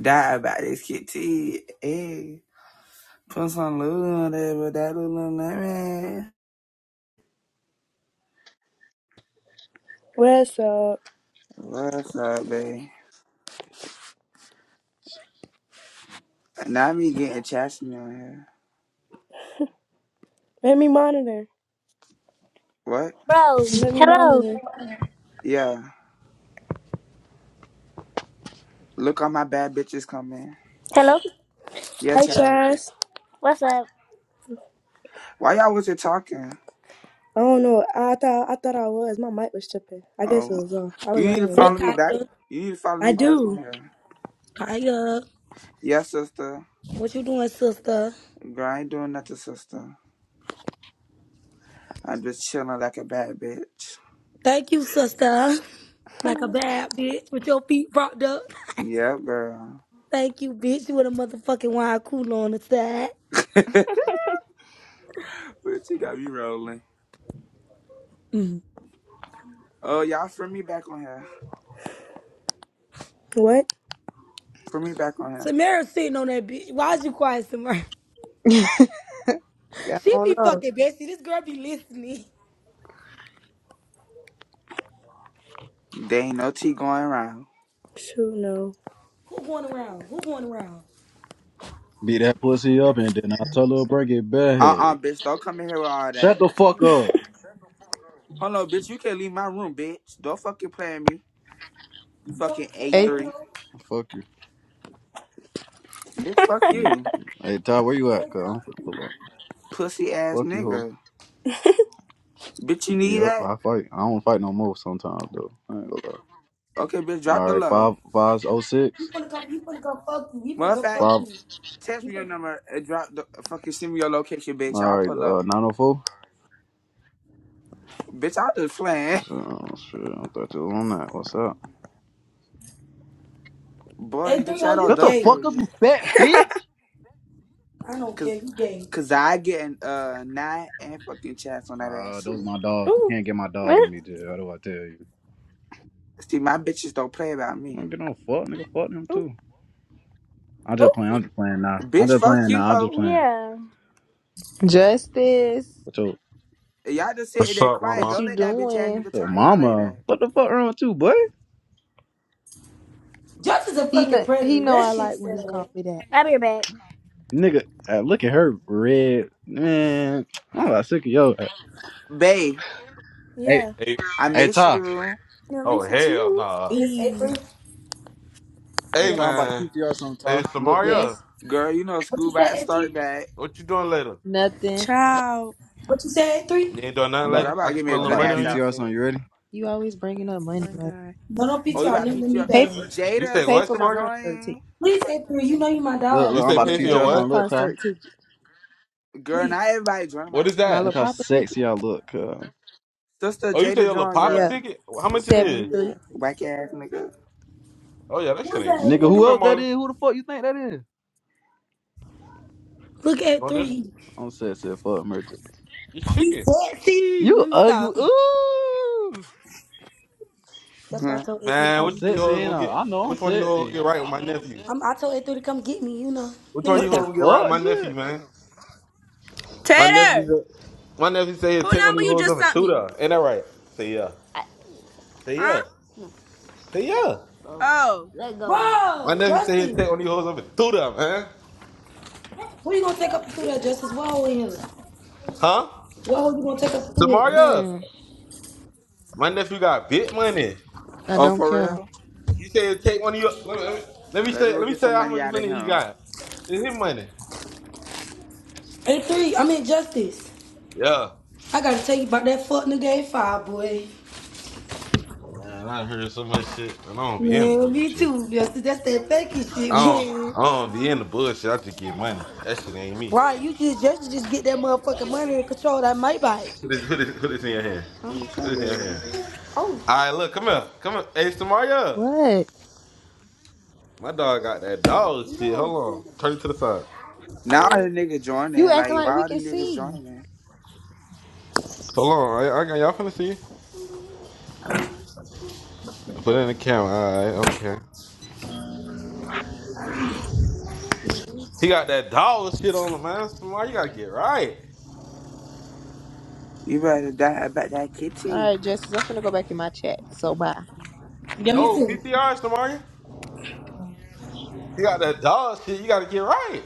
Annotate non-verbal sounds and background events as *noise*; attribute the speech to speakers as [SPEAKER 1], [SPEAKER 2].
[SPEAKER 1] Die about this kitty. Hey, put some lube on there, but that little lemon.
[SPEAKER 2] What's up?
[SPEAKER 1] What's up, babe? Now me getting chastity on here.
[SPEAKER 2] Let me monitor.
[SPEAKER 1] What?
[SPEAKER 3] Bro,
[SPEAKER 2] Let me
[SPEAKER 3] hello.
[SPEAKER 2] monitor.
[SPEAKER 1] Yeah. Look all my bad bitches coming.
[SPEAKER 3] Hello?
[SPEAKER 1] Yeah,
[SPEAKER 2] Hi,
[SPEAKER 1] child.
[SPEAKER 2] Chaz.
[SPEAKER 3] What's up?
[SPEAKER 1] Why y'all wasn't talking?
[SPEAKER 2] I don't know. I thought I thought I was. My mic was tripping. I
[SPEAKER 1] Oh,
[SPEAKER 2] guess it was off. I
[SPEAKER 1] you
[SPEAKER 2] was
[SPEAKER 1] need
[SPEAKER 2] out
[SPEAKER 1] to
[SPEAKER 2] here.
[SPEAKER 4] Hey,
[SPEAKER 1] follow
[SPEAKER 2] wasn't
[SPEAKER 1] me back.
[SPEAKER 4] Kaya.
[SPEAKER 1] You need to follow
[SPEAKER 2] I I
[SPEAKER 1] me back on
[SPEAKER 2] do.
[SPEAKER 1] here.
[SPEAKER 4] Kaya,
[SPEAKER 1] Yeah, sister.
[SPEAKER 4] what you doing, sister?
[SPEAKER 1] Girl, I ain't doing nothing, sister. I'm just chilling like a bad bitch.
[SPEAKER 4] Thank you, sister.
[SPEAKER 3] *laughs*
[SPEAKER 4] Like a bad bitch with your feet propped up.
[SPEAKER 1] Yeah, girl.
[SPEAKER 4] *laughs* Thank you, bitch. You with a motherfucking wine cooler on the side.
[SPEAKER 1] *laughs* but she got me rolling.
[SPEAKER 4] Mm.
[SPEAKER 1] Oh, y'all, friend me back on here.
[SPEAKER 2] What?
[SPEAKER 1] Friend me back on here.
[SPEAKER 4] Samara sitting on that bitch. Why is you quiet, Samara? *laughs*
[SPEAKER 5] *laughs* I
[SPEAKER 4] She be
[SPEAKER 5] don't know.
[SPEAKER 4] fucking bestie. This girl be listening.
[SPEAKER 1] There ain't no tea going around.
[SPEAKER 2] Shoot, no.
[SPEAKER 4] Who going around? Who going around?
[SPEAKER 6] Beat that pussy up and then I'll tell her to bring it
[SPEAKER 1] Uh uh
[SPEAKER 6] back.
[SPEAKER 1] bitch, don't come in here with all that.
[SPEAKER 6] Shut the fuck up.
[SPEAKER 1] Hold on, bitch, you can't leave my room, bitch. Don't fucking play at me. You fucking
[SPEAKER 5] Hey,
[SPEAKER 1] A3.
[SPEAKER 6] Fuck you.
[SPEAKER 1] Bitch, fuck
[SPEAKER 6] Hey,
[SPEAKER 1] you.
[SPEAKER 6] hey, Ty, where you at, cuz? Fuck
[SPEAKER 1] Pussy ass
[SPEAKER 6] you, hoe.
[SPEAKER 1] nigga. Bitch, you need
[SPEAKER 6] Yep,
[SPEAKER 1] that?
[SPEAKER 6] I fight. I don't fight no more sometimes, though. I ain't gonna lie.
[SPEAKER 1] Okay, bitch, drop
[SPEAKER 6] All
[SPEAKER 1] the
[SPEAKER 6] right,
[SPEAKER 1] low.
[SPEAKER 6] five, five, oh, six,
[SPEAKER 1] Matter of fact,
[SPEAKER 6] five.
[SPEAKER 1] text me your number and drop the fucking send me your location, bitch.
[SPEAKER 6] All
[SPEAKER 1] I'll
[SPEAKER 6] right,
[SPEAKER 1] pull
[SPEAKER 6] uh,
[SPEAKER 1] up.
[SPEAKER 6] nine oh four.
[SPEAKER 1] Bitch, I'll just playing.
[SPEAKER 6] What's
[SPEAKER 1] *laughs*
[SPEAKER 6] up? Oh, shit, I thought you was on that. What's up?
[SPEAKER 1] Boy,
[SPEAKER 4] Hey, 3
[SPEAKER 1] bitch, I
[SPEAKER 4] oh,
[SPEAKER 1] don't
[SPEAKER 4] you
[SPEAKER 6] Shut the
[SPEAKER 1] duck
[SPEAKER 4] gay.
[SPEAKER 1] for
[SPEAKER 6] fuck up,
[SPEAKER 1] you.
[SPEAKER 6] you fat bitch.
[SPEAKER 4] I don't care.
[SPEAKER 1] Cause,
[SPEAKER 4] You gay.
[SPEAKER 1] cause I get an, uh, nine and fucking chats on that
[SPEAKER 6] Uh,
[SPEAKER 1] ass
[SPEAKER 6] those
[SPEAKER 1] too.
[SPEAKER 6] my dogs. You
[SPEAKER 2] Oh,
[SPEAKER 6] can't get my dogs on
[SPEAKER 3] what?
[SPEAKER 6] me, dude. How do I tell you?
[SPEAKER 1] See, my bitches don't play about
[SPEAKER 6] I
[SPEAKER 1] me.
[SPEAKER 6] don't get no fuck, nigga. Fuck them
[SPEAKER 2] oh,
[SPEAKER 6] too. I'm just
[SPEAKER 2] oh.
[SPEAKER 6] playing. I'm just playing now. I'm
[SPEAKER 1] Bitch,
[SPEAKER 6] just
[SPEAKER 1] fuck
[SPEAKER 6] playing
[SPEAKER 1] you,
[SPEAKER 6] now. I'm
[SPEAKER 1] hoe.
[SPEAKER 6] just playing.
[SPEAKER 3] Yeah.
[SPEAKER 5] Justice,
[SPEAKER 1] Y'all just sitting
[SPEAKER 7] What's
[SPEAKER 1] there
[SPEAKER 7] up,
[SPEAKER 1] quiet.
[SPEAKER 5] what
[SPEAKER 7] mama?
[SPEAKER 1] Don't
[SPEAKER 5] you
[SPEAKER 1] let that bitch ass
[SPEAKER 5] doing?
[SPEAKER 1] nigga
[SPEAKER 6] So
[SPEAKER 1] talk to y'all like
[SPEAKER 6] mama,
[SPEAKER 1] that.
[SPEAKER 6] what the fuck wrong with you, boy?
[SPEAKER 4] Just is a
[SPEAKER 5] He
[SPEAKER 4] fucking
[SPEAKER 5] know, he
[SPEAKER 4] predator.
[SPEAKER 5] know
[SPEAKER 4] That
[SPEAKER 5] I
[SPEAKER 4] shit
[SPEAKER 5] like when he call
[SPEAKER 4] sad.
[SPEAKER 5] me that.
[SPEAKER 3] I'll be right back.
[SPEAKER 6] Nigga, uh, look at her red man. I'm about sick of yo.
[SPEAKER 1] Bae,
[SPEAKER 6] Hey,
[SPEAKER 2] Yeah.
[SPEAKER 7] Hey,
[SPEAKER 1] I
[SPEAKER 6] hey
[SPEAKER 1] miss
[SPEAKER 6] Ty,
[SPEAKER 1] you.
[SPEAKER 2] Yeah,
[SPEAKER 7] oh
[SPEAKER 2] listen
[SPEAKER 7] hell
[SPEAKER 2] too.
[SPEAKER 7] nah.
[SPEAKER 4] Yes,
[SPEAKER 2] E.
[SPEAKER 4] A3?
[SPEAKER 6] hey
[SPEAKER 7] Hey
[SPEAKER 6] Ty, I'm
[SPEAKER 4] Yes.
[SPEAKER 6] about to
[SPEAKER 7] man,
[SPEAKER 6] PTR song,
[SPEAKER 7] hey
[SPEAKER 6] Ty. Look, look,
[SPEAKER 7] Samaria,
[SPEAKER 5] Yes,
[SPEAKER 1] Girl, you know
[SPEAKER 4] What
[SPEAKER 1] school
[SPEAKER 4] you
[SPEAKER 1] about to
[SPEAKER 4] said,
[SPEAKER 1] start
[SPEAKER 4] A3?
[SPEAKER 1] back.
[SPEAKER 7] what you doing later?
[SPEAKER 5] nothing.
[SPEAKER 2] Child.
[SPEAKER 4] What you said, A3?
[SPEAKER 7] You ain't doing
[SPEAKER 6] I'm
[SPEAKER 7] nothing
[SPEAKER 5] No,
[SPEAKER 6] about,
[SPEAKER 1] Girl,
[SPEAKER 7] later.
[SPEAKER 1] I'm about
[SPEAKER 7] I
[SPEAKER 1] to
[SPEAKER 7] can
[SPEAKER 1] give me
[SPEAKER 7] spend
[SPEAKER 1] a
[SPEAKER 7] a
[SPEAKER 6] I'm
[SPEAKER 7] little
[SPEAKER 1] good
[SPEAKER 6] about to
[SPEAKER 7] money
[SPEAKER 1] ass
[SPEAKER 7] on you.
[SPEAKER 6] PTR
[SPEAKER 1] outfit.
[SPEAKER 6] song. You ready?
[SPEAKER 5] you always bringing up
[SPEAKER 2] Oh
[SPEAKER 5] money.
[SPEAKER 2] my
[SPEAKER 5] Like,
[SPEAKER 2] God.
[SPEAKER 4] Don't no
[SPEAKER 1] Oh, you
[SPEAKER 4] PTR,
[SPEAKER 1] about to
[SPEAKER 4] nip let
[SPEAKER 1] pick
[SPEAKER 4] me
[SPEAKER 1] up.
[SPEAKER 5] pay,
[SPEAKER 4] bang it.
[SPEAKER 7] You
[SPEAKER 1] Jada,
[SPEAKER 7] say
[SPEAKER 5] pay
[SPEAKER 7] what,
[SPEAKER 5] for
[SPEAKER 1] sister
[SPEAKER 5] my
[SPEAKER 7] Samaria?
[SPEAKER 5] concert ticket.
[SPEAKER 1] join.
[SPEAKER 4] Please, A3, you know you my
[SPEAKER 6] Look,
[SPEAKER 7] You
[SPEAKER 6] look,
[SPEAKER 4] dog,
[SPEAKER 6] I'm
[SPEAKER 7] say
[SPEAKER 4] for
[SPEAKER 6] about to
[SPEAKER 7] pay for
[SPEAKER 4] real.
[SPEAKER 5] Pay
[SPEAKER 7] your
[SPEAKER 6] PTR
[SPEAKER 5] for my
[SPEAKER 6] song.
[SPEAKER 7] what?
[SPEAKER 6] Look, Ty,
[SPEAKER 5] concert ticket.
[SPEAKER 1] Girl,
[SPEAKER 4] Please.
[SPEAKER 1] not everybody joining my
[SPEAKER 7] What is
[SPEAKER 1] chat,
[SPEAKER 5] My
[SPEAKER 6] look
[SPEAKER 5] little
[SPEAKER 7] that?
[SPEAKER 1] but
[SPEAKER 6] how
[SPEAKER 5] papa ticket.
[SPEAKER 6] sexy I look. Uh,
[SPEAKER 1] sister
[SPEAKER 7] Oh, you say
[SPEAKER 1] Jada
[SPEAKER 7] your little
[SPEAKER 1] join,
[SPEAKER 7] papa
[SPEAKER 5] Yeah,
[SPEAKER 1] girl.
[SPEAKER 7] ticket? How much
[SPEAKER 1] Bitch
[SPEAKER 7] it
[SPEAKER 1] ass
[SPEAKER 5] seventy
[SPEAKER 7] is?
[SPEAKER 5] three.
[SPEAKER 1] nigga. Whack ass nigga.
[SPEAKER 7] Oh yeah, that
[SPEAKER 4] Who
[SPEAKER 7] shit
[SPEAKER 4] is
[SPEAKER 7] ain't
[SPEAKER 6] nigga,
[SPEAKER 4] that,
[SPEAKER 7] shit.
[SPEAKER 6] who
[SPEAKER 7] Come
[SPEAKER 4] A3?
[SPEAKER 7] here,
[SPEAKER 6] else that
[SPEAKER 7] Marley.
[SPEAKER 6] is? Who the fuck you think that is?
[SPEAKER 4] Look,
[SPEAKER 7] You want this?
[SPEAKER 4] A3.
[SPEAKER 6] I'm sexy, as fuck merchant.
[SPEAKER 7] It's
[SPEAKER 4] He's
[SPEAKER 7] chicken.
[SPEAKER 4] sexy.
[SPEAKER 6] You
[SPEAKER 4] Let me
[SPEAKER 6] ugly.
[SPEAKER 4] stop.
[SPEAKER 6] Ooh,
[SPEAKER 4] That's why I
[SPEAKER 1] Huh.
[SPEAKER 4] told A3 to
[SPEAKER 7] Man,
[SPEAKER 6] I'm
[SPEAKER 7] which one you
[SPEAKER 4] come.
[SPEAKER 6] sexy
[SPEAKER 7] hoes
[SPEAKER 6] and
[SPEAKER 7] gonna
[SPEAKER 6] I,
[SPEAKER 7] get?
[SPEAKER 6] I know I'm
[SPEAKER 7] Which one you hoes
[SPEAKER 6] sexy.
[SPEAKER 7] gonna get right with my nephew?
[SPEAKER 4] I'm, I told A3 to come get me, you know.
[SPEAKER 7] Which
[SPEAKER 4] Let me
[SPEAKER 7] one
[SPEAKER 6] What
[SPEAKER 7] you hoes
[SPEAKER 6] the
[SPEAKER 4] stop.
[SPEAKER 7] gonna get right with
[SPEAKER 6] fuck,
[SPEAKER 7] my
[SPEAKER 6] J?
[SPEAKER 7] nephew, man? My nephew
[SPEAKER 2] Tater,
[SPEAKER 7] said, my nephew said he'll
[SPEAKER 2] who
[SPEAKER 7] take one of
[SPEAKER 2] number
[SPEAKER 7] you
[SPEAKER 2] you
[SPEAKER 7] hoes
[SPEAKER 2] just
[SPEAKER 7] up and
[SPEAKER 2] sent
[SPEAKER 7] through
[SPEAKER 2] me?
[SPEAKER 7] there. Ain't that right? Say yeah. Say
[SPEAKER 2] Huh?
[SPEAKER 7] yeah. Say yeah.
[SPEAKER 2] Oh.
[SPEAKER 7] My
[SPEAKER 4] Bro,
[SPEAKER 7] nephew said he'd take
[SPEAKER 4] Justin.
[SPEAKER 7] on these hoes over through them, huh?
[SPEAKER 4] Who you gonna take up through there, Justice? What hole in him?
[SPEAKER 7] Huh?
[SPEAKER 4] What hole you gonna take up through here,
[SPEAKER 7] Samaria,
[SPEAKER 4] Justice?
[SPEAKER 5] Hmm.
[SPEAKER 7] my nephew got big money.
[SPEAKER 5] I
[SPEAKER 1] Oh,
[SPEAKER 5] don't
[SPEAKER 1] for
[SPEAKER 5] care.
[SPEAKER 1] real?
[SPEAKER 7] You said he'd take one of your. Let me, let me, let me
[SPEAKER 1] Let me
[SPEAKER 7] say.
[SPEAKER 1] go
[SPEAKER 7] Let me
[SPEAKER 1] get
[SPEAKER 7] tell you
[SPEAKER 1] some
[SPEAKER 7] how
[SPEAKER 1] money
[SPEAKER 7] much
[SPEAKER 1] out of
[SPEAKER 7] money he
[SPEAKER 1] him.
[SPEAKER 7] got. It's his money.
[SPEAKER 4] A3, I mean Justice.
[SPEAKER 7] Yeah.
[SPEAKER 4] I gotta tell you about that fuck nigga A5, boy.
[SPEAKER 7] Man, I heard so much shit, and I don't be in the
[SPEAKER 4] Man, me
[SPEAKER 7] bullshit.
[SPEAKER 4] too, Justice. That's that faking
[SPEAKER 7] I
[SPEAKER 4] shit,
[SPEAKER 7] don't,
[SPEAKER 4] man.
[SPEAKER 7] I don't be in the bullshit. I just get money. That shit ain't me.
[SPEAKER 4] Right, you just just just get that motherfucking money and control that Maybach.
[SPEAKER 7] Put this, put this, put this in your hand.
[SPEAKER 1] I'm trying
[SPEAKER 7] Put this in your
[SPEAKER 1] to.
[SPEAKER 7] hand. All right, look, come here, come here. Hey, Samaria,
[SPEAKER 5] What?
[SPEAKER 7] my dog got that dog shit. Hold on, turn it to the side.
[SPEAKER 1] Now all the niggas
[SPEAKER 5] You
[SPEAKER 1] joining.
[SPEAKER 5] acting
[SPEAKER 1] Like,
[SPEAKER 5] like
[SPEAKER 1] why
[SPEAKER 5] we
[SPEAKER 1] all the
[SPEAKER 5] can
[SPEAKER 1] niggas
[SPEAKER 5] see.
[SPEAKER 1] joining?
[SPEAKER 7] Hold on, I, I got y'all finna see. I put it in the camera. All right, okay. He got that dollar shit on him, man. Samaria, you gotta get right.
[SPEAKER 1] You better die about that
[SPEAKER 5] All
[SPEAKER 1] kitty.
[SPEAKER 5] right, Justice. I'm finna go back in my chat. So bye.
[SPEAKER 4] Give me
[SPEAKER 7] No
[SPEAKER 4] two.
[SPEAKER 7] PTRs, Samaria. He got that dollar shit. You gotta get right.